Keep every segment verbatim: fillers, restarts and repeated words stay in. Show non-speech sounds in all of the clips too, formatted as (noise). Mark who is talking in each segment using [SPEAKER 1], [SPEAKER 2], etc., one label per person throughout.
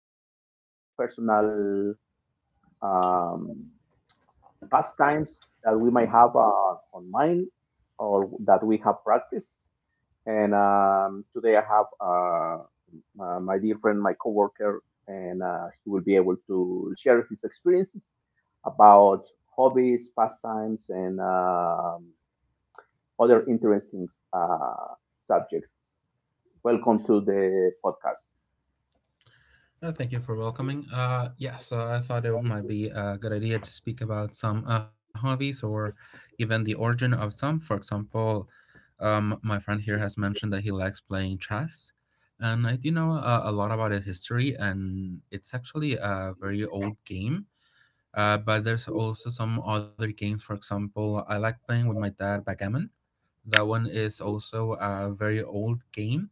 [SPEAKER 1] hobbies or personal um, pastimes that we might have uh, on mind or that we have practiced. And um, today I have uh, my, my dear friend, my coworker, and uh, he will be able to share his experiences about hobbies, pastimes, and um other interesting uh, subjects. Welcome to the podcast.
[SPEAKER 2] Uh, thank you for welcoming. Uh, yes, uh, I thought it might be a good idea to speak about some uh, hobbies or even the origin of some. For example, um, my friend here has mentioned that he likes playing chess, and I do know uh, a lot about its history, and it's actually a very old game. Uh, but there's also some other games. For example, I like playing with my dad backgammon. That one is also a very old game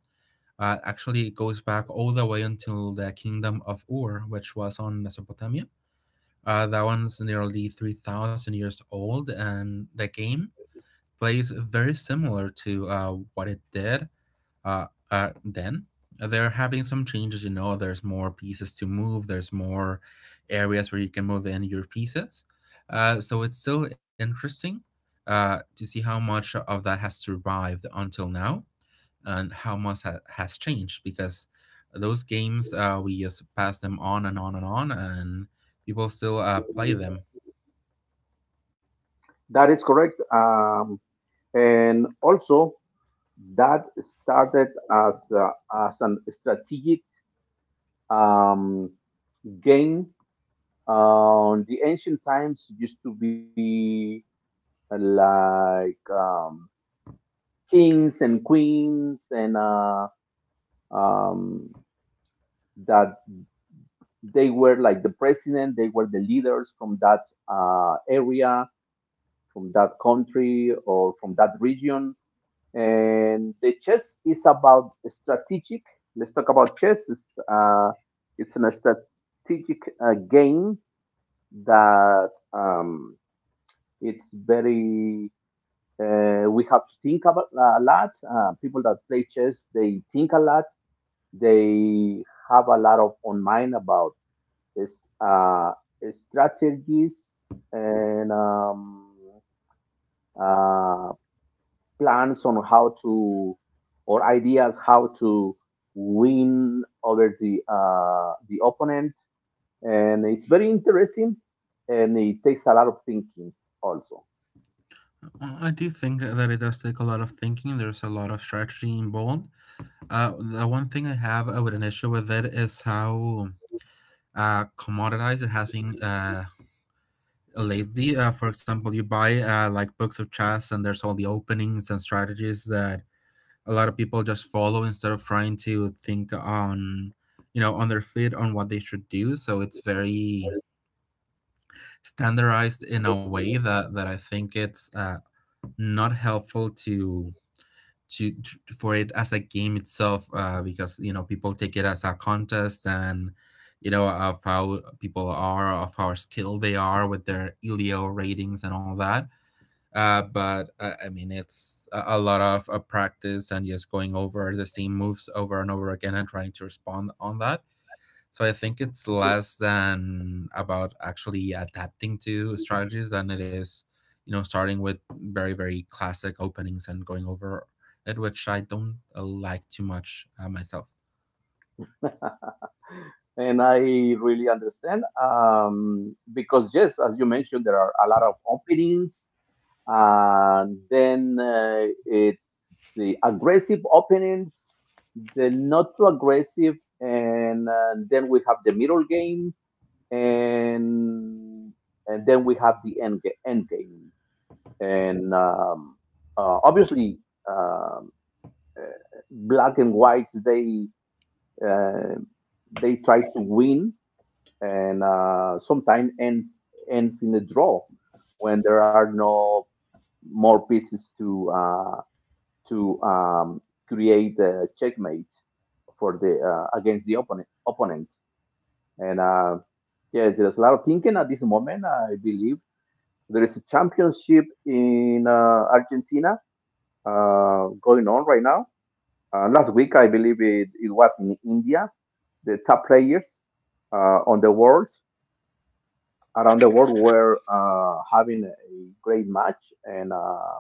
[SPEAKER 2] uh, Actually, it goes back all the way until the kingdom of Ur, which was on Mesopotamia. Uh, that one's nearly three thousand years old, and the game plays very similar to uh, what it did uh, uh, then. They're having some changes, you know, there's more pieces to move, there's more areas where you can move in your pieces. Uh, so it's still interesting uh, to see how much of that has survived until now and how much ha- has changed because those games uh, we just pass them on and on and on and people still uh, play them.
[SPEAKER 1] That is correct. Um, and also, that started as, uh, as an strategic um, game. Um, the ancient times used to be uh, like um, kings and queens, and uh, um, that they were like the president, they were the leaders from that uh, area, from that country, or from that region. And the chess is about strategic. Let's talk about chess. It's, uh, it's a strategic uh, game that um, it's very. Uh, we have to think about a lot. Uh, people that play chess, they think a lot. They have a lot of on mind about is uh, strategies and um, uh, plans on how to or ideas how to win over the uh, the opponent, and it's very interesting, and it takes a lot of thinking also.
[SPEAKER 2] Uh, i do think that it does take a lot of thinking. There's a lot of strategy involved. Uh, the one thing I have uh, with an issue with it is how uh, commoditized it has been uh, lately. Uh, for example, you buy uh, like books of chess and there's all the openings and strategies that a lot of people just follow instead of trying to think on, you know, on their feet on what they should do. So it's very standardized in a way that that I think it's uh, not helpful to to, to for it as a game itself. Uh, because, you know, people take it as a contest and, you know, of how people are, of how skilled they are with their elio ratings and all that. Uh, but uh, I mean, it's a, a lot of uh, practice and just going over the same moves over and over again and trying to respond on that. So I think it's less than about actually adapting to strategies than it is, you know, starting with very, very classic openings and going over it, which I don't uh, like too much uh, myself.
[SPEAKER 1] And I really understand, um, because yes, as you mentioned, there are a lot of openings. Uh, then uh, it's the aggressive openings, the not too aggressive, and uh, then we have the middle game, and and then we have the end, ga- end game. And um, uh, obviously, um, uh, black and whites, they uh, they try to win, and uh, sometimes ends ends in a draw when there are no more pieces to uh, to um, create a checkmate for the uh, against the opponent. Opponent, and uh, yes, there's a lot of thinking at this moment. I believe there is a championship in uh, Argentina uh, going on right now. Uh, last week, I believe it, it was in India. The top players uh, on the world around the world were uh, having a great match, and um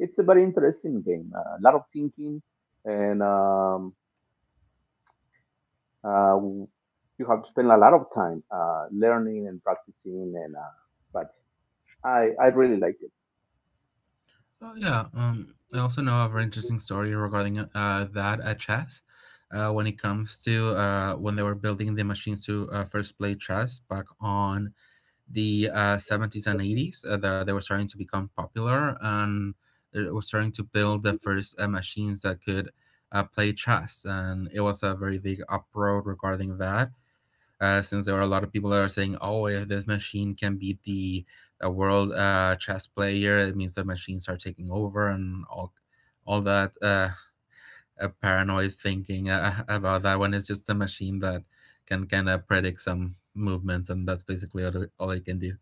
[SPEAKER 1] it's a very interesting game. Uh, a lot of thinking, and um, uh, you have to spend a lot of time uh, learning and practicing, and uh, but I, I really like it.
[SPEAKER 2] Oh yeah. Um, I also know of very interesting story regarding uh, that at chess. Uh, when it comes to uh, when they were building the machines to uh, first play chess back on the uh, seventies and eighties, uh, that they were starting to become popular and they were starting to build the first uh, machines that could uh, play chess. And it was a very big uproar regarding that, uh, since there are a lot of people that are saying, "Oh, if this machine can beat the a world uh, chess player, it means the machines are taking over," and all all that uh, uh, paranoid thinking uh, (laughs) about that one is just a machine that can kind of predict some movements, and that's basically all it, all it can do.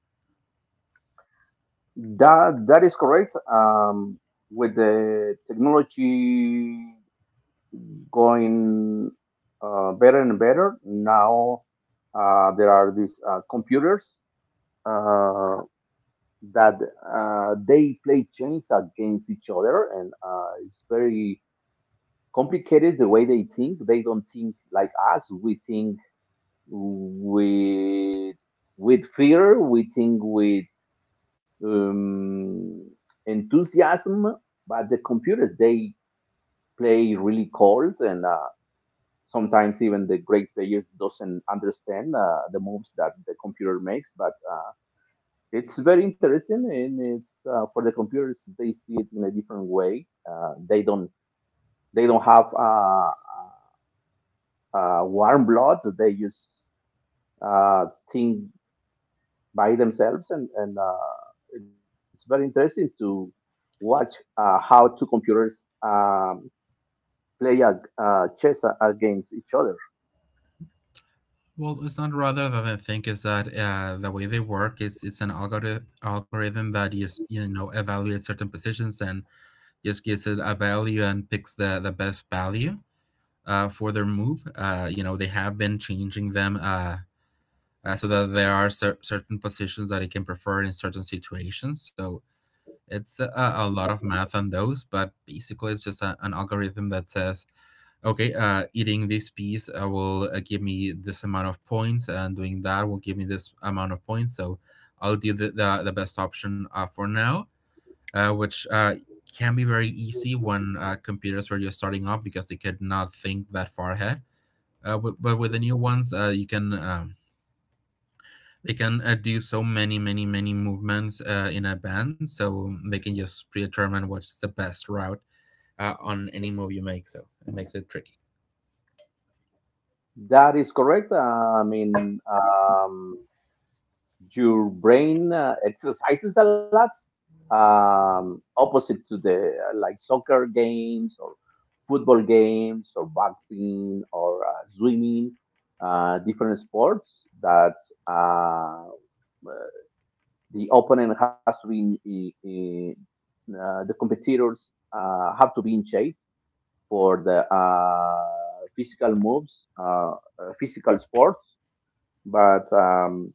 [SPEAKER 1] That that is correct. um, with the technology going uh, better and better now, uh, there are these uh, computers uh, that uh, they play chess against each other, and uh, it's very complicated the way they think. They don't think like us. We think with with fear, we think with um, enthusiasm, but the computers, they play really cold, and uh, sometimes even the great players doesn't understand uh, the moves that the computer makes. But uh, it's very interesting, and it's uh, for the computers, they see it in a different way. Uh, they don't they don't have uh, uh, warm blood. They just uh, think by themselves, and and uh, it's very interesting to watch uh, how two computers um, play a, uh, chess a- against each other.
[SPEAKER 2] Well, it's not rather that I think is that uh, the way they work is it's an algorithm algorithm that is, you know, evaluates certain positions and just gives it a value and picks the the best value uh, for their move. Uh, you know, they have been changing them uh, uh, so that there are cer- certain positions that he can prefer in certain situations. So it's a, a lot of math on those, but basically it's just a, an algorithm that says, okay, uh, eating this piece uh, will uh, give me this amount of points, and doing that will give me this amount of points. So I'll do the, the, the best option uh, for now, uh, which uh, can be very easy when uh, computers were just starting up because they could not think that far ahead. Uh, but but with the new ones, uh, you can um, they can uh, do so many, many, many movements uh, in a band, so um, they can just predetermine what's the best route uh, on any move you make. So it makes it tricky.
[SPEAKER 1] That is correct. Uh, I mean, um, your brain uh, exercises a lot, um, opposite to the uh, like soccer games or football games or boxing or uh, swimming, uh, different sports that uh, the opponent has to be in, in, in uh, the competitors uh, have to be in shape for the uh, physical moves, uh, uh, physical sports, but um,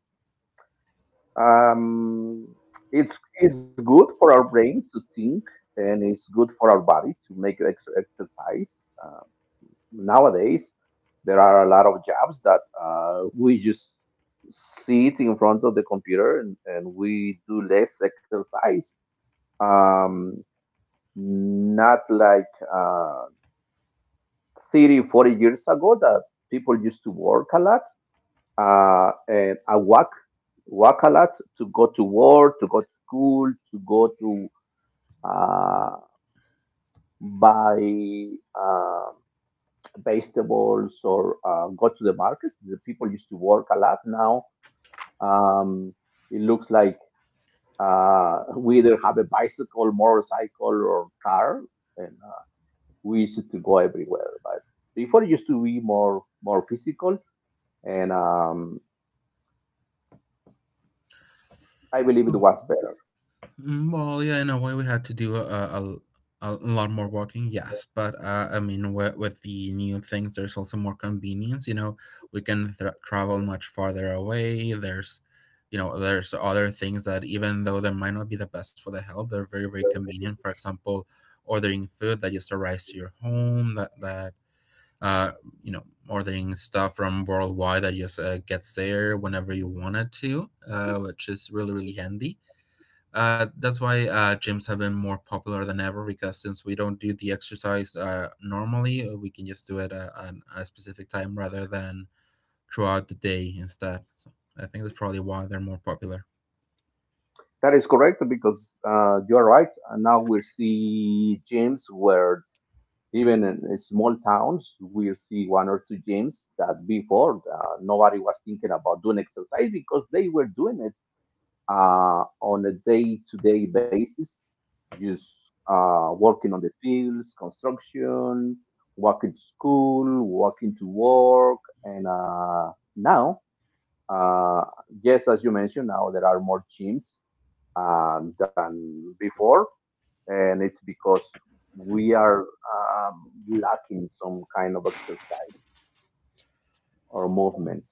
[SPEAKER 1] um, it's it's good for our brain to think, and it's good for our body to make ex- exercise. Uh, nowadays there are a lot of jobs that uh, we just sit in front of the computer, and, and we do less exercise, um, not like uh, thirty forty years ago, that people used to work a lot, uh, and a walk work a lot to go to work, to go to school, to go to uh, buy uh, vegetables or uh, go to the market. The people used to work a lot. Now, um, it looks like uh, we either have a bicycle, motorcycle, or car, and uh, we used to go everywhere. But before it used to be more more physical, and um, I believe it was better.
[SPEAKER 2] Mm, Well, yeah, in a way, we had to do a, a, a lot more walking, yes. But uh, I mean, with, with the new things, there's also more convenience. You know, we can th- travel much farther away. There's, you know, there's other things that even though they might not be the best for the health, they're very, very convenient. For example, ordering food that just arrives to your home. That that uh, you know, ordering stuff from worldwide that just uh, gets there whenever you want it to, uh, which is really, really handy. Uh, that's why uh, gyms have been more popular than ever because since we don't do the exercise uh, normally, uh, we can just do it uh, at a specific time rather than throughout the day instead. So I think that's probably why they're more popular.
[SPEAKER 1] That is correct, because uh, you are right. And now we see gyms where even in in small towns, we see one or two gyms that before uh, nobody was thinking about doing exercise because they were doing it uh, on a day-to-day basis, just uh, working on the fields, construction, walking to school, walking to work, and uh, now, uh, yes, as you mentioned, now there are more gyms um, than before, and it's because we are um, lacking some kind of exercise or movement.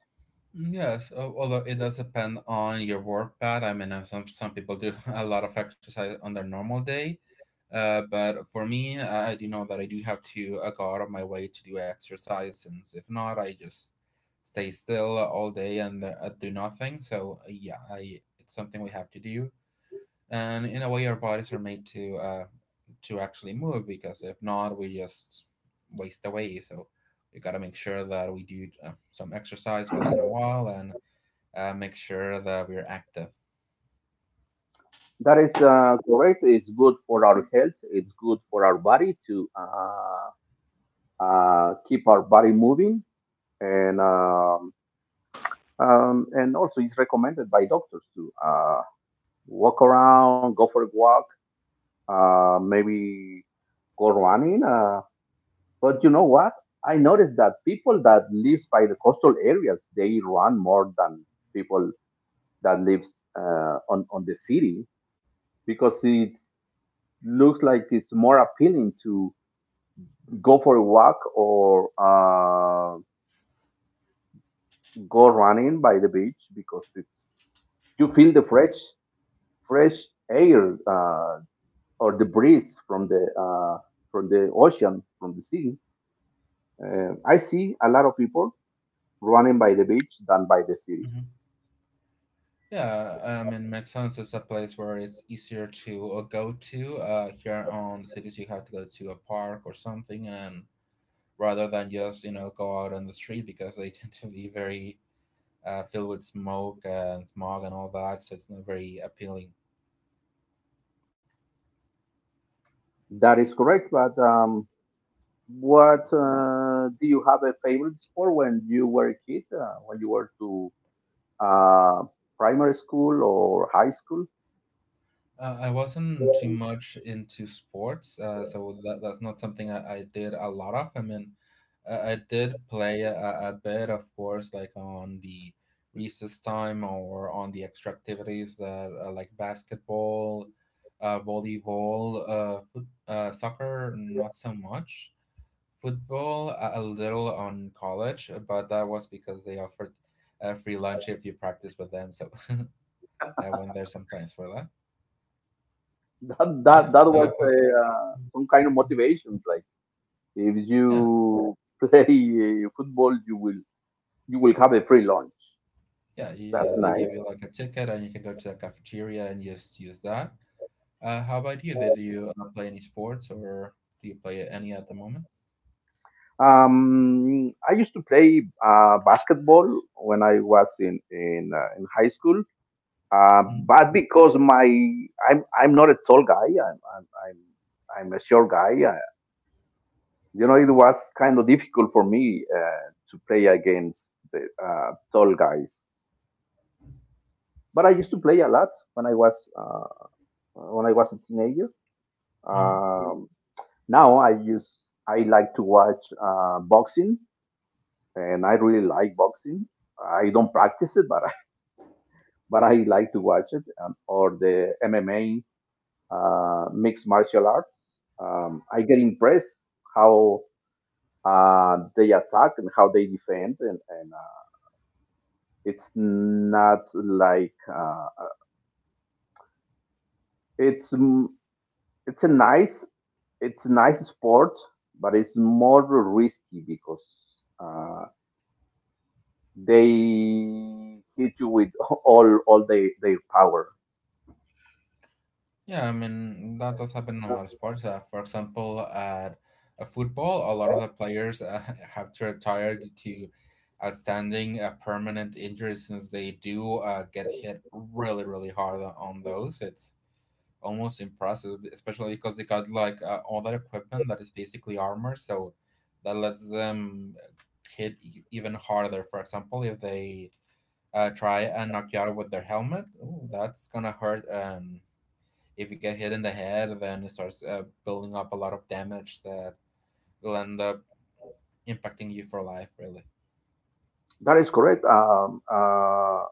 [SPEAKER 2] Mm, Yes, al- although it does depend on your work path. I mean, uh, some some people do (laughs) a lot of exercise on their normal day, uh, but for me, I I do know that I do have to uh, go out of my way to do exercise, since if not, I just stay still all day and uh, do nothing. So uh, yeah, I, it's something we have to do, and in a way, our bodies are made to uh, to actually move because if not, we just waste away. So we got to make sure that we do uh, some exercise once in a while and uh, make sure that we're active.
[SPEAKER 1] That is uh, correct. It's good for our health. It's good for our body to uh, uh, keep our body moving, and um, um, and also it's recommended by doctors to uh, walk around, go for a walk, uh, maybe go running. Uh, but you know what? I noticed that people that live by the coastal areas, they run more than people that lives uh, on on the city, because it looks like it's more appealing to go for a walk or uh, go running by the beach, because it's you feel the fresh fresh air, uh, or the breeze from the uh, from the ocean, from the sea. Uh, I see a lot of people running by the beach than by the cities.
[SPEAKER 2] Mhm. Yeah, I mean, McDonald's is a place where it's easier to uh, go to. Uh, here on the cities, you have to go to a park or something, and rather than just, you know, go out on the street because they (laughs) tend to be very uh, filled with smoke and smog and all that, so it's not very appealing.
[SPEAKER 1] That is correct. But um, what uh, do you have a favorite sport when you were a kid? Uh, when you were to uh, primary school or high school?
[SPEAKER 2] Uh, I wasn't too
[SPEAKER 1] (laughs)
[SPEAKER 2] much into sports, uh, so that, that's not something I, I did a lot of. I mean, I, I did play a, a bit, of course, like on the recess time or on the extra activities that uh, like basketball, uh, volleyball, uh, foot, uh, soccer, not so much. Football, a, a little on college, but that was because they offered uh, free lunch if you practice with them. So (laughs) I went there sometimes for that.
[SPEAKER 1] That
[SPEAKER 2] But
[SPEAKER 1] that
[SPEAKER 2] yeah,
[SPEAKER 1] that was
[SPEAKER 2] uh, how-
[SPEAKER 1] a, uh, some kind of motivation. Like if
[SPEAKER 2] Yeah,
[SPEAKER 1] you (laughs) play uh, football, you will you will have a free lunch.
[SPEAKER 2] yeah,
[SPEAKER 1] That's
[SPEAKER 2] yeah. They give
[SPEAKER 1] nice.
[SPEAKER 2] you like a ticket, and you can go to the cafeteria and just use that. Uh, how about you? Did you uh, play any sports, or do you play any at the moment?
[SPEAKER 1] Um, I used to play uh, basketball when I was in in, uh, in high school. Uh, but because my I'm I'm not a tall guy. I'm I'm I'm, I'm a short guy. Uh, you know, it was kind of difficult for me uh, to play against the uh, tall guys. But I used to play a lot when I was uh, when I was a teenager.
[SPEAKER 2] Mm-hmm.
[SPEAKER 1] Um, now I use I like to watch uh, boxing, and I really like boxing. I don't practice it, but I, (laughs) but I like to watch it, um, or the M M A, uh, mixed martial arts. Um, I get impressed how uh, they attack and how they defend, and, and uh, it's not like uh, it's mm, it's a nice it's a nice sport, but it's more risky, because uh, they hit you with (laughs) all all their, their power.
[SPEAKER 2] Yeah, I mean that does happen in a lot of sports. Uh, for example, at uh, football, a lot of the players uh, (laughs) have to retire due to outstanding uh, permanent injuries since they do uh, get hit really, really hard on those. It's almost impressive, especially because they got like uh, all that equipment that is basically armor, so that lets them hit e- even harder. For example, if they uh, try and knock you out with their helmet, ooh, that's gonna hurt. Um, if you get hit in the head, then it starts uh, building up a lot of damage that will end up impacting you for life, really.
[SPEAKER 1] That is correct. Um, uh,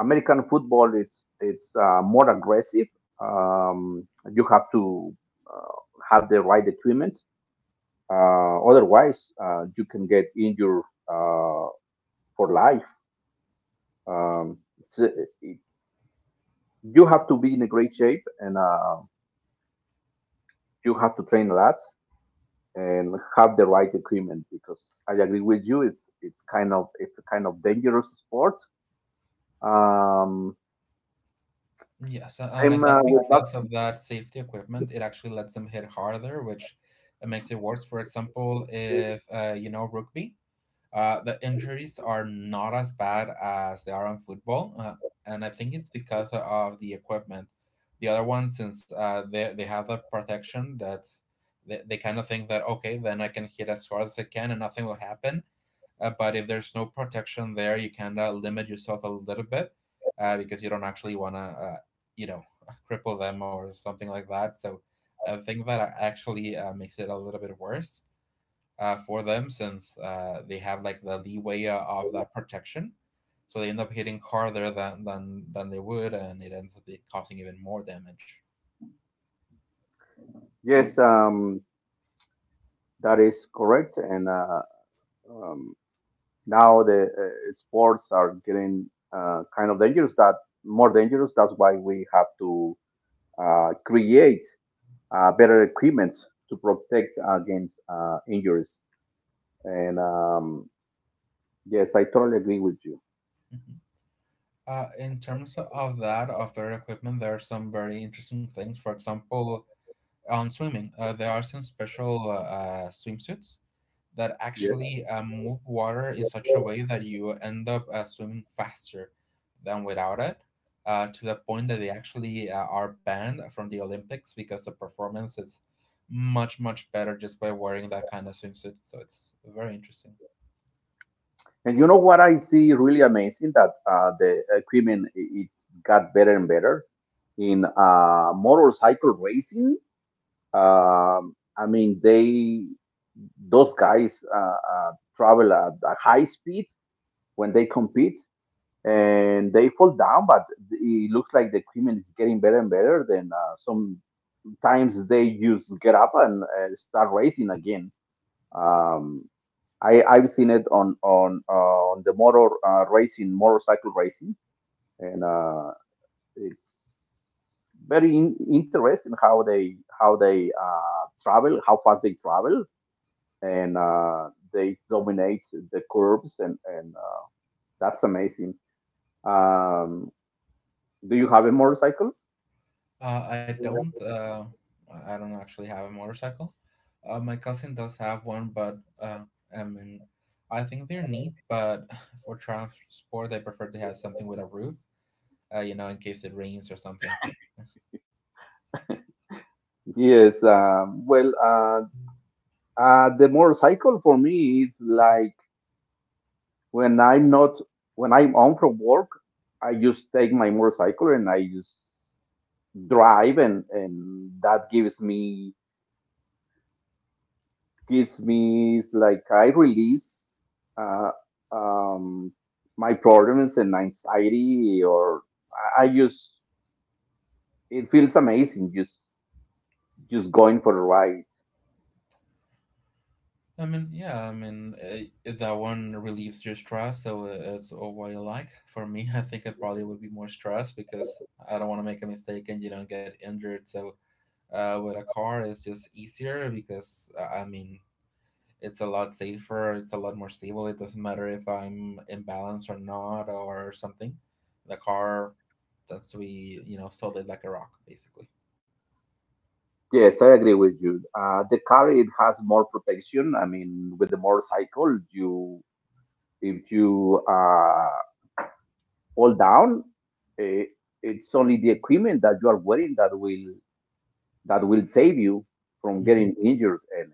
[SPEAKER 1] American football, it's it's uh, more aggressive. Um, you have to uh, have the right equipment. Uh, otherwise, uh, you can get injured uh, for life. Um, it's, uh, it, you have to be in a great shape, and uh, you have to train a lot and have the right equipment. Because I agree with you, it's it's kind of it's a kind of dangerous sport. Um,
[SPEAKER 2] Yes, a- and I
[SPEAKER 1] same uh,
[SPEAKER 2] think
[SPEAKER 1] with
[SPEAKER 2] because of that safety equipment, it actually lets them hit harder, which uh, makes it worse. For example,
[SPEAKER 1] boxing.
[SPEAKER 2] if uh, you know rugby, Uh, the injuries are not as bad as they are in football, uh, and I think it's because of the equipment. The other one, since uh, they, they have the protection that they, they kind of think that, okay, then I can hit as hard as I can and nothing will happen. Uh, but if there's no protection there, you kind of limit yourself a little bit uh, because you don't actually want to, uh, you know, (laughs) cripple them or something like that. So I think that actually uh, makes it a little bit worse uh, for them since uh, they have like the leeway of that protection. So they end up hitting harder than than, than they would, and it ends up causing even more damage.
[SPEAKER 1] Yes, um, that is correct. And uh, um, now the uh, sports are getting uh, kind of dangerous. That more dangerous. That's why we have to uh, create uh, better equipment to protect against uh, injuries. And um, yes, I totally agree with you.
[SPEAKER 2] Mm-hmm. Uh, in terms of that, of better equipment, there are some very interesting things. For example, on swimming, uh, there are some special uh, swimsuits that
[SPEAKER 1] Yes.
[SPEAKER 2] actually um, move water in such a way that you end up uh, swimming faster than without it, uh, to the point that they actually uh, are banned from the Olympics because the performance is much, much better just by wearing that kind of swimsuit. So it's very interesting.
[SPEAKER 1] And you know what I see really amazing, that uh, the equipment, i- it's got better and better in uh, motorcycle racing. Um, I mean, they those guys uh, uh, travel at, at high speeds when they compete, and they fall down, but it looks like the equipment is getting better and better. Then uh, sometimes they just get up and uh, start racing again. Um, I, I've seen it on on uh, on the motor uh, racing motorcycle racing, and uh, it's very in- interesting how they how they uh, travel, how fast they travel, and uh, they dominate the curves, and and uh, that's amazing. Um, do you have a motorcycle?
[SPEAKER 2] Uh, I don't. Uh, I I don't actually have a motorcycle. Uh, my cousin does have one, but uh, I mean, I think they're neat. But (laughs) for transport, I prefer to have something with a roof, uh, you know, in case it rains or something.
[SPEAKER 1] Yes, um, well, uh, uh, the motorcycle for me is like when I'm not when I'm home from work, I just take my motorcycle and I just drive, and and that gives me Kismis, like I release uh, um, my problems and anxiety, or I I just it feels amazing just just going for a ride.
[SPEAKER 2] I mean, yeah, I mean, uh, that one relieves your stress, so uh, it's all what you like. For me, (laughs) I think it probably would be more stress because I don't want to make a mistake and, you know, get injured. So uh, with a car, it's just easier because, uh, I mean, it's a lot safer, it's a lot more stable. It doesn't matter if I'm imbalanced or not or something. The car tends to be, you know, solid like a rock, basically.
[SPEAKER 1] Yes, I agree with you. Uh, the car, it has more protection. I mean, with the motorcycle, you if you uh, fall down, eh, it's only the equipment that you are wearing that will that will save you from getting injured. And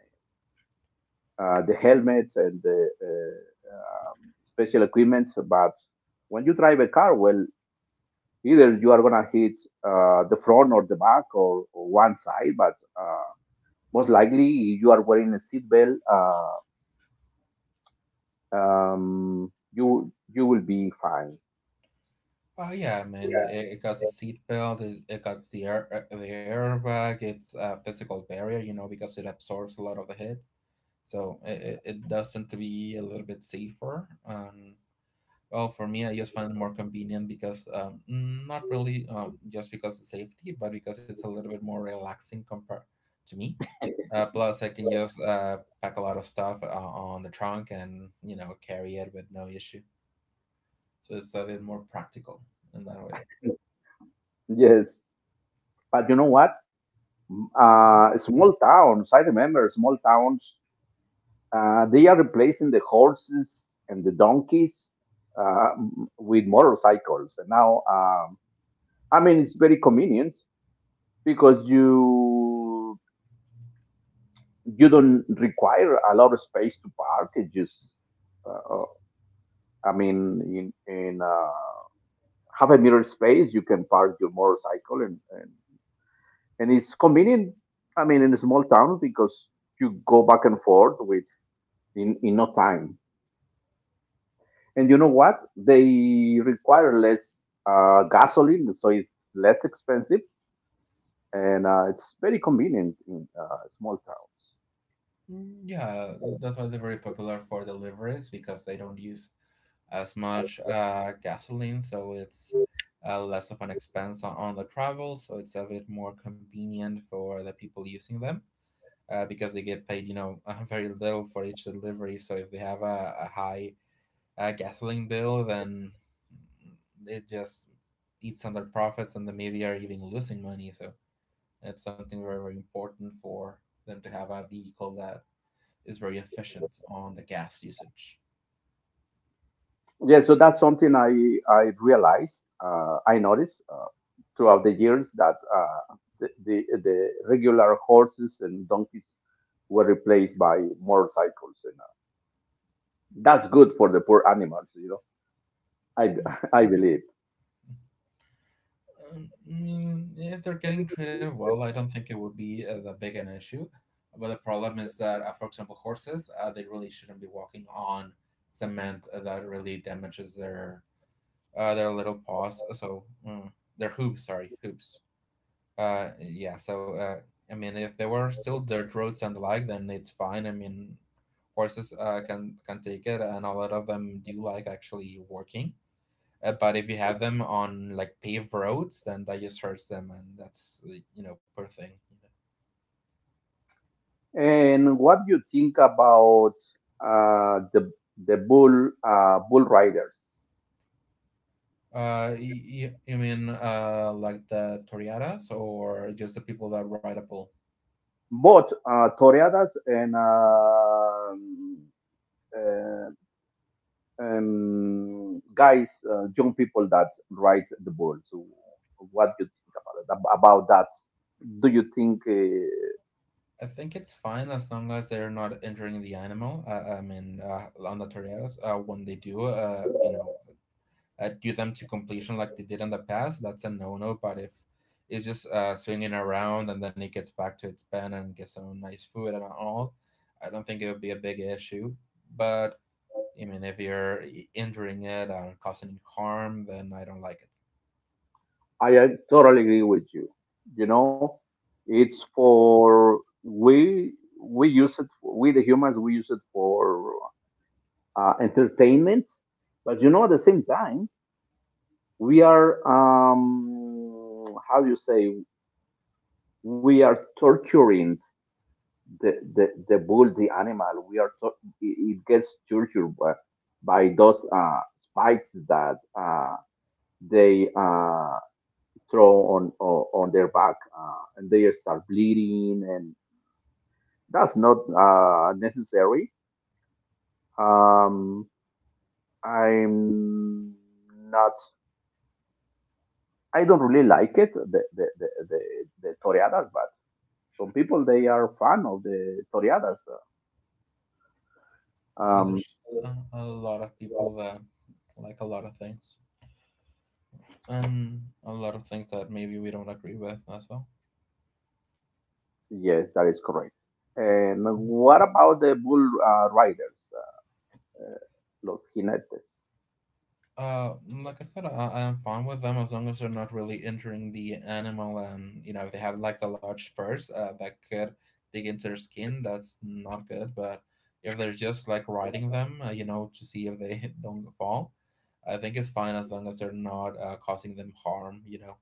[SPEAKER 1] uh, the helmets and the uh, um, special equipments. But when you drive a car, well, either you are gonna hit uh, the front or the back, or, or one side, but uh, most likely you are wearing a seatbelt. Uh, um, you you will be fine.
[SPEAKER 2] Oh yeah, I mean
[SPEAKER 1] Yeah.
[SPEAKER 2] it, it got the seatbelt, it, it got the air uh, the airbag. It's a physical barrier, you know, because it absorbs a lot of the hit. So it, it it does tend to be a little bit safer. Um, well, for me, I just find it more convenient because um, mm, not really, um, just because of safety, but because it's a little bit more relaxing compared to me. Uh, plus, I can just uh, pack a lot of stuff uh, on the trunk and, you know, carry it with no issue, so it's a bit more practical in that way.
[SPEAKER 1] Yes, but you know what? Uh, small towns. I remember small towns. Uh, they are replacing the horses and the donkeys uh, with motorcycles. And now, um, I mean, it's very convenient because you you don't require a lot of space to park. It just, uh, uh, I mean, in in uh, half a meter space, you can park your motorcycle, and and, and it's convenient. I mean, in a small town because you go back and forth with in in no time. And you know what? They require less uh, gasoline, so it's less expensive and uh, it's very convenient in uh, small towns.
[SPEAKER 2] Mm, Yeah, that's why they're very popular for deliveries, because they don't use as much uh, gasoline, so it's uh, less of an expense on, on the travel. So it's a bit more convenient for the people using them, uh, because they get paid, you know, (laughs) uh, very little for each delivery. So if they have a, a high uh, gasoline bill, then it just eats on their profits, and the media are even losing money. So it's something very, very important for them to have a vehicle that is very efficient on the gas usage.
[SPEAKER 1] Yeah, so that's something I I realized, uh, I noticed, uh, throughout the years that uh, the, the the regular horses and donkeys were replaced by motorcycles, and uh, that's good for the poor animals. You know, I
[SPEAKER 2] Mm.
[SPEAKER 1] (laughs) I believe.
[SPEAKER 2] Um, I mean, if they're getting treated well, I don't think it would be uh, that big an issue. But the problem is that, uh, for example, horses, uh, they really shouldn't be walking on cement, uh, that really damages their uh, their little paws. So mm, their hooves, sorry, hooves. Uh, yeah. So uh, I mean, if there were still dirt roads and the like, then it's fine. I mean, horses uh, can can take it, and a lot of them do like actually working. Uh, but if you have them on like paved roads, then that just hurts them, and that's, uh, you know, poor thing.
[SPEAKER 1] And what do you think about uh, the the bull uh, bull riders?
[SPEAKER 2] Uh, you, you mean uh like the toriadas or just the people that ride a bull?
[SPEAKER 1] Both uh, toreadas and uh, uh, um, guys, uh, young people that ride the bull. So, what do you think about it? Ab- About that, do you think uh,
[SPEAKER 2] I think it's fine as long as they're not injuring the animal. Uh, I mean, uh, on the toriadas, uh, when they do, uh, you know, uh, do them to completion like they did in the past, that's a no no. But if it's just uh, swinging around and then it gets back to its pen and gets some nice food and all, I don't think it would be a big issue. But I mean, if you're injuring it and causing it harm, then I don't like it.
[SPEAKER 1] I uh, totally agree with you? You know, it's for we we use it, we the humans, we use it for uh, entertainment. But you know, at the same time, we are, um, how do you say, we are torturing the the, the bull, the animal. We are tor-, it it gets tortured by, by those uh, spikes that uh, they uh, throw on, on on their back, uh, and they start bleeding, and that's not uh, necessary. Um, I'm not I don't really like it, the the the, the, the toreadas, but some people they are fan of the toreadas. uh,
[SPEAKER 2] Uh,
[SPEAKER 1] Um,
[SPEAKER 2] There's a, a lot of people that like a lot of things, and a lot of things that maybe we don't agree with as well.
[SPEAKER 1] yes, that is correct. And what about the bull uh, riders, uh, los jinetes? (laughs)
[SPEAKER 2] Uh, like I said, I, I'm fine with them as long as they're not really injuring the animal, and you know, if they have like the large spurs, uh, that could dig into their skin. That's not good. But if they're just like riding them, uh, you know, to see if they (laughs) don't fall, I think it's fine as long as they're not uh, causing them harm. You know.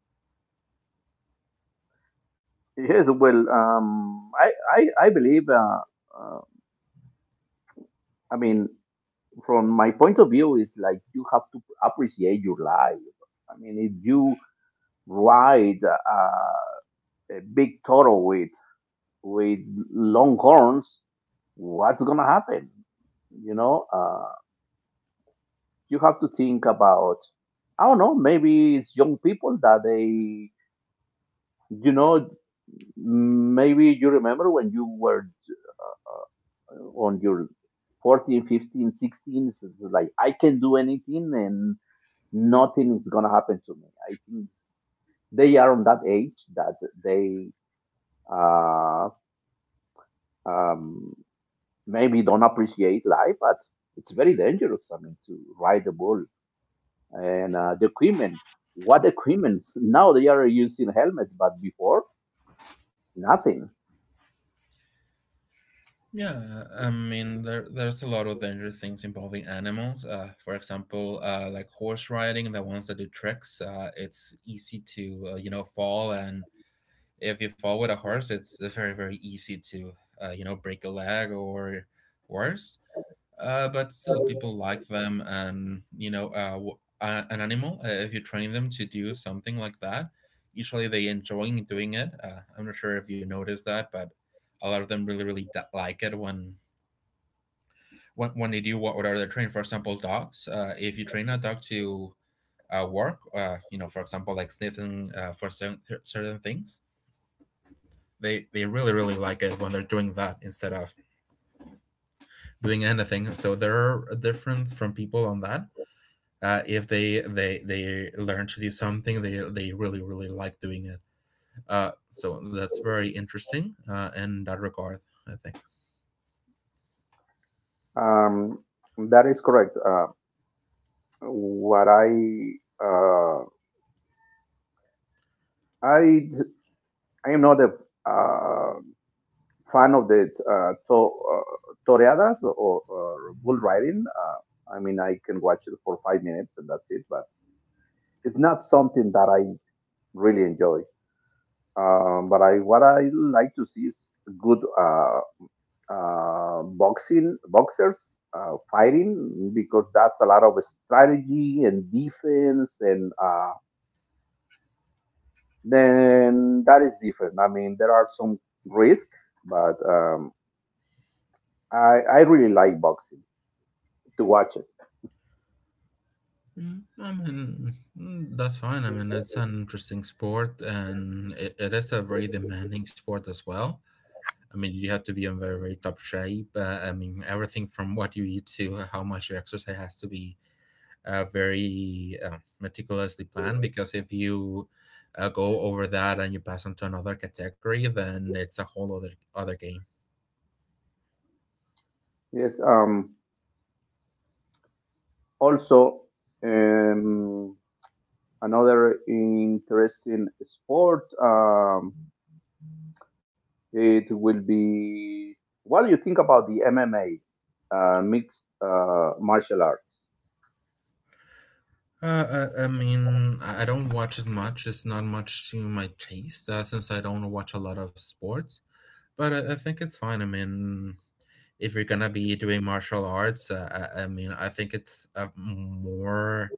[SPEAKER 1] Yes, well, um, I I I believe. Uh, uh, I mean, from my point of view, is like you have to appreciate your life. I mean, if you ride uh, a big toro with with long horns, what's going to happen? You know, uh, you have to think about, I don't know, maybe it's young people that they, you know, maybe you remember when you were on your fourteen, fifteen, sixteen. So it's like, I can do anything and nothing is going to happen to me. I think it's- they are on that age that they uh, um, maybe don't appreciate life, but it's very dangerous. I mean, to ride the bull and uh, the equipment. What equipment? Now they are using helmets, but before nothing.
[SPEAKER 2] Yeah, I mean, there there's a lot of dangerous things involving animals. Uh, for example, uh, like horse riding, the ones that do tricks. Uh, it's easy to, uh, you know, fall. And if you fall with a horse, it's very, very easy to, uh, you know, break a leg or worse. Uh, but still, people like them, and you know, uh, w- uh, an animal. Uh, if you train them to do something like that, usually they enjoy doing it. Uh, I'm not sure if you notice that, but a lot of them really really d- like it when when when they do what what are they're trained. For example, dogs. Uh, if you train a dog to, uh, work, uh, you know, for example, like sniffing uh, for certain certain things, they they really really like it when they're doing that instead of doing anything. So there are difference from people on that, uh, if they they they learn to do something, they they really really like doing it. Uh, so that's very interesting, uh, in that regard, I think.
[SPEAKER 1] Um, that is correct. Uh, what I uh, I I am not a uh, fan of the uh, to, uh, toreadas, or, or bull riding. Uh, I mean, I can watch it for five minutes and that's it, but it's not something that I really enjoy. Um, but I what I like to see is good uh, uh, boxing boxers uh, fighting, because that's a lot of strategy and defense, and uh, then that is different. I mean, there are some risk, but um, I I really like boxing to watch it.
[SPEAKER 2] Mm, I mean, mm, that's fine. I mean, it's an interesting sport, and it, it is a very demanding sport as well. I mean, you have to be in very, very top shape. Uh, I mean, everything from what you eat to how much you exercise has to be uh, very uh, meticulously planned, because if you uh, go over that and you pass on to another category, then it's a whole other other game.
[SPEAKER 1] Yes. Um, also, um, another interesting sport. Um, It will be, well, you think about the M M A, uh, mixed uh, martial arts.
[SPEAKER 2] Uh, I, I mean, I I don't watch it much. It's not much to my taste, uh, since I don't watch a lot of sports. But I, I think it's fine. I mean, if you're gonna be doing martial arts, uh, I, I mean, I think it's a more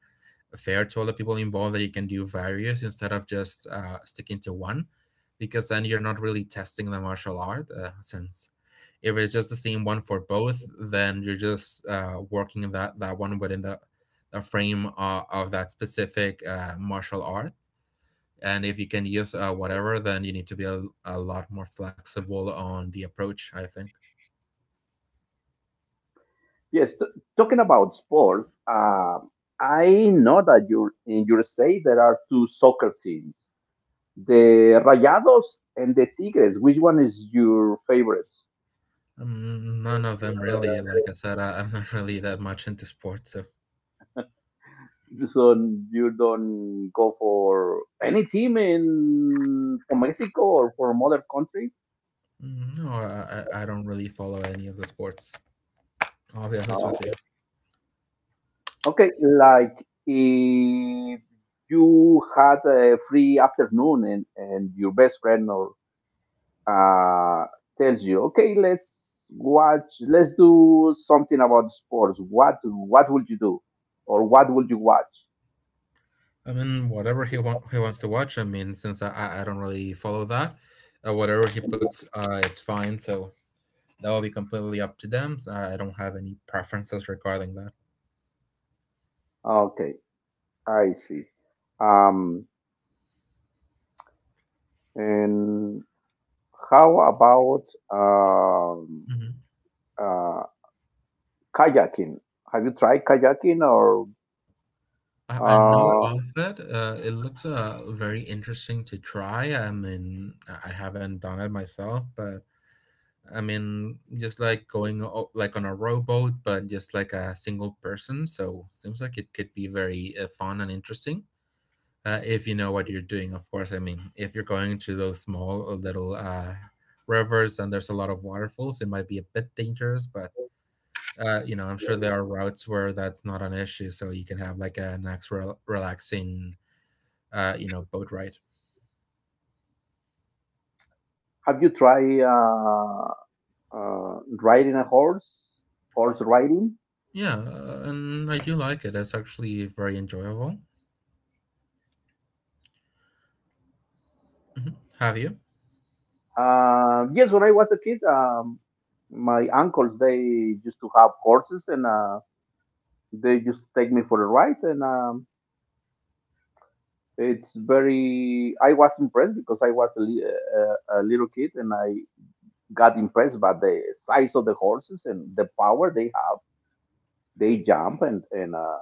[SPEAKER 2] fair to all the people involved, that you can do various instead of just uh, sticking to one, because then you're not really testing the martial art, uh, since if it's just the same one for both, then you're just uh, working in that, that one within the, the frame uh, of that specific uh, martial art. And if you can use, uh, whatever, then you need to be a, a lot more flexible on the approach, I think.
[SPEAKER 1] Yes, t- Talking about sports, um, I know that you're, in your state there are two soccer teams, the Rayados and the Tigres. Which one is your favorite?
[SPEAKER 2] Um, none of them, really. Like I said, I, i'm not really that much into sports, so.
[SPEAKER 1] So you don't go for any team in, from Mexico or from other country?
[SPEAKER 2] Mm, No, I, I I don't really follow any of the sports. I'll be honest
[SPEAKER 1] No.
[SPEAKER 2] with you.
[SPEAKER 1] Okay, like if you had a free afternoon and, and your best friend or uh, tells you, okay, let's watch, let's do something about sports. What what would you do, or what would you watch?
[SPEAKER 2] I mean, whatever he want, he wants to watch. I mean, since I, I I don't really follow that, uh, whatever he puts, uh, it's fine. So that will be completely up to them. So I don't have any preferences regarding that.
[SPEAKER 1] Okay, I see. Um, and how about um,
[SPEAKER 2] Hmm.
[SPEAKER 1] uh, kayaking? Have you tried kayaking, or
[SPEAKER 2] I, I know
[SPEAKER 1] uh,
[SPEAKER 2] of it. Uh, it looks uh, very interesting to try. I mean, I I haven't done it myself, but I mean, just like going o- like on a rowboat, but just like a single person. So seems like it could be very uh, fun and interesting, uh, if you know what you're doing. Of course, I mean, if you're going to those small, uh, little, uh, rivers and there's a lot of waterfalls, it might be a bit dangerous. But uh, you know, I'm sure there are routes where that's not an issue, so you can have like a nice, rel- relaxing, uh, you know, boat ride.
[SPEAKER 1] have you tried Uh, uh, riding a horse, horse riding?
[SPEAKER 2] Yeah, uh, and I do like it. It's actually very enjoyable. Mhm. Have you?
[SPEAKER 1] Uh, yes, when I was a kid, um, my uncles they used to have horses, and uh, they used to take me for a ride, and um, it's very. I was impressed because I was a, li- a, a little kid, and I got impressed by the size of the horses and the power they have. They jump, and and uh,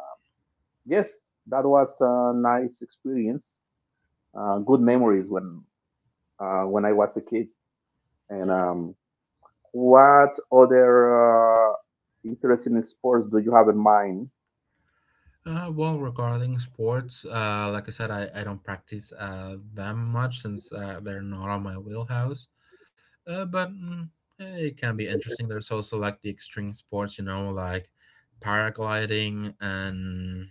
[SPEAKER 1] yes, that was a nice experience. Uh, good memories when uh, when I was a kid. And um, what other uh, interesting sports do you have in mind?
[SPEAKER 2] Uh, well, regarding sports, uh, like I said, I, I don't practice uh, them much, since uh, they're not on my wheelhouse. Uh, but mm, eh, it can be interesting. There's also like the extreme sports, you know, like paragliding and,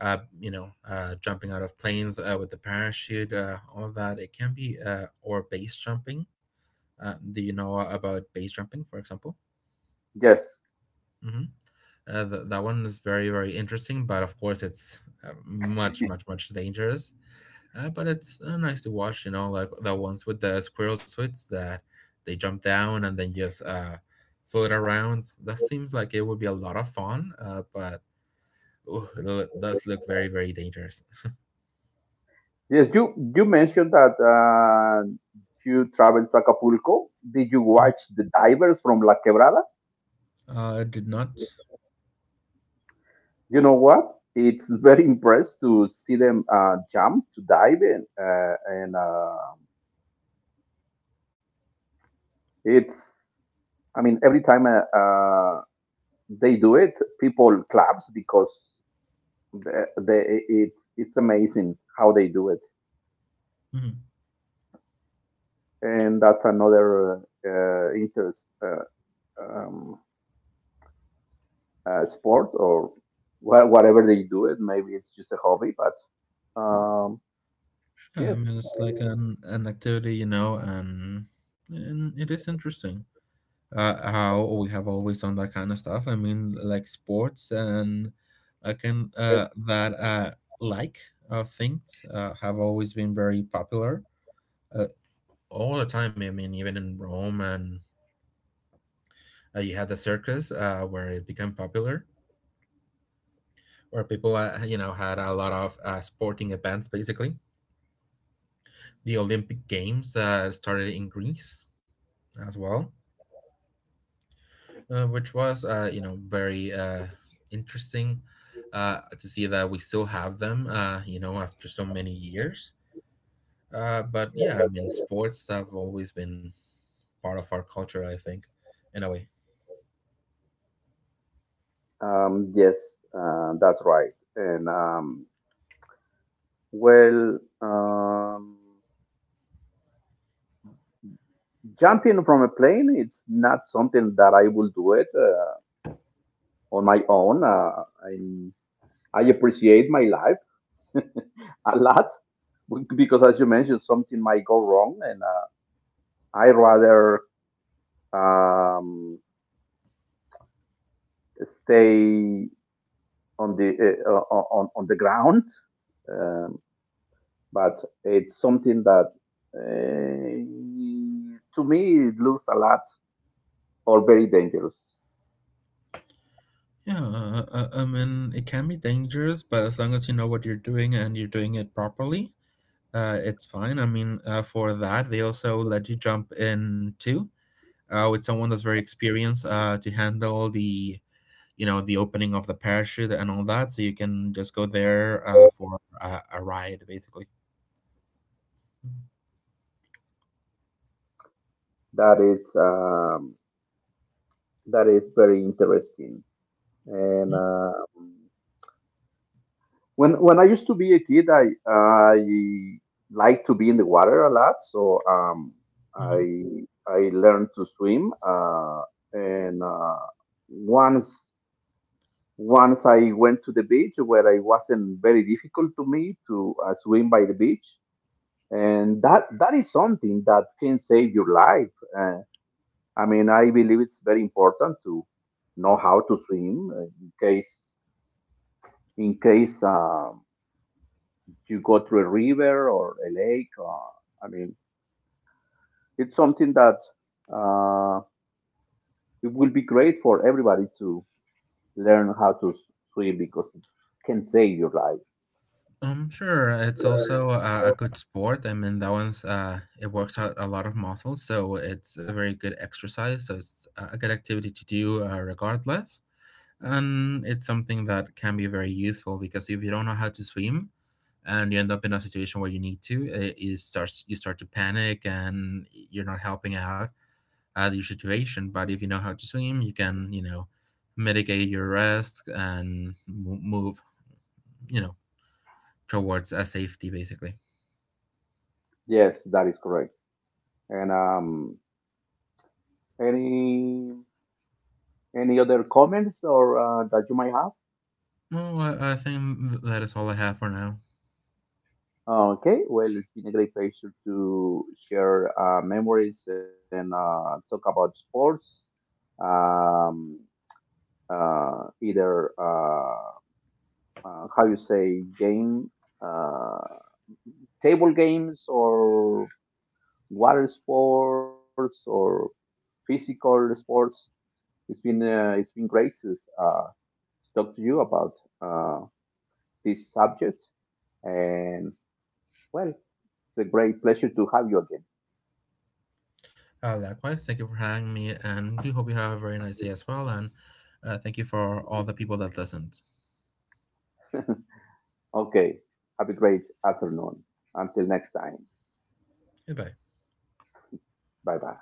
[SPEAKER 2] uh, you know, uh, jumping out of planes uh, with the parachute, uh, all of that. It can be, uh, or base jumping. Uh, do you know about base jumping, for example?
[SPEAKER 1] Yes.
[SPEAKER 2] Hmm. Uh, th- that one is very, very interesting, but of course, it's uh, much, much, much dangerous. Uh, but it's uh, nice to watch, you know, like the ones with the squirrel suits that they jump down and then just uh, float around. That seems like it would be a lot of fun, uh, but ooh, it lo- does look very, very dangerous.
[SPEAKER 1] Yes, you, you mentioned that uh, you traveled to Acapulco. Did you
[SPEAKER 2] Mhm.
[SPEAKER 1] watch the divers from La Quebrada?
[SPEAKER 2] Uh, I did not.
[SPEAKER 1] You know what? It's very impressed to see them uh, jump, to dive in. Uh, and uh, It's, I mean, every time uh, uh, they do it, people claps because they, they, it's, it's amazing how they do it.
[SPEAKER 2] Mhm.
[SPEAKER 1] And that's another uh, uh, interest uh, um, uh, sport, or wha- whatever they do. It maybe it's just a hobby, but um,
[SPEAKER 2] Yeah, I mean
[SPEAKER 1] yes
[SPEAKER 2] it's like an an activity, you know, and and it is interesting. Uh, how we have always done that kind of stuff. I mean, like sports. And I can uh, that uh, like uh, things uh, have always been very popular, uh, all the time. I mean, even in Rome. And uh, you had the circus, uh, where it became popular, where people, uh, you know, had a lot of uh, sporting events, basically. The Olympic Games that started in Greece as well, uh, which was, uh, you know, very uh, interesting uh, to see that we still have them, uh, you know, after so many years. Uh, but yeah, I mean, sports have always been part of our culture, I think, in a way.
[SPEAKER 1] um, yes uh, that's right. And um, well um, jumping from a plane, it's not something that I will do it uh, on my own. uh, I, I appreciate my life (laughs) a lot, because as you mentioned, something might go wrong, and uh, I rather um, stay on the uh, uh, on on the ground, um, but it's something that uh, to me it looks a lot or very dangerous.
[SPEAKER 2] Yeah, uh, uh, I mean, it can be dangerous, but as long as you know what you're doing and you're doing it properly, uh, it's fine. I mean, uh, for that they also let you jump in too, uh, with someone that's very experienced uh, to handle the, you know, the opening of the parachute and all that, so you can just go there uh, for a, a ride, basically.
[SPEAKER 1] That is um, that is very interesting. And uh, When when I used to be a kid, I I liked to be in the water a lot, so um,
[SPEAKER 2] Mm-hmm.
[SPEAKER 1] I I learned to swim. Uh, and uh, Once, once I went to the beach, where it wasn't very difficult to me to uh, swim by the beach, and that that is something that can save your life. Uh, I mean, I believe it's very important to know how to swim uh, in case, in case Uh, you go through a river or a lake. Or, I mean, it's something that uh, it will be great for everybody to learn how to s- swim, because it can save your life.
[SPEAKER 2] Um sure, it's also a, a good sport. I mean, that one's, uh it works out a lot of muscles, so it's a very good exercise. So it's a good activity to do, uh, regardless. And it's something that can be very useful, because if you don't know how to swim and you end up in a situation where you need to, uh, you start you start to panic, and you're not helping out at your situation. But if you know how to swim, you can, you know, mitigate your risk and move, you know, towards a safety, basically.
[SPEAKER 1] Yes, that is correct. And um, any any other comments or uh, that you might have?
[SPEAKER 2] Well, I, I think that is all I have for now.
[SPEAKER 1] Okay, well, it's been a great pleasure to share uh, memories and uh, talk about sports. Um, uh, Either. Uh, uh, how you say game, uh, table games or water sports or physical sports. It's been uh, it's been great to uh, talk to you about uh, this subject, and well, it's a great pleasure to have you again.
[SPEAKER 2] Uh, likewise, thank you for having me, and do hope you have a very nice day as well. And uh, thank you for all the people that listened.
[SPEAKER 1] Okay, have a great afternoon. Until next time,
[SPEAKER 2] Goodbye.
[SPEAKER 1] bye bye.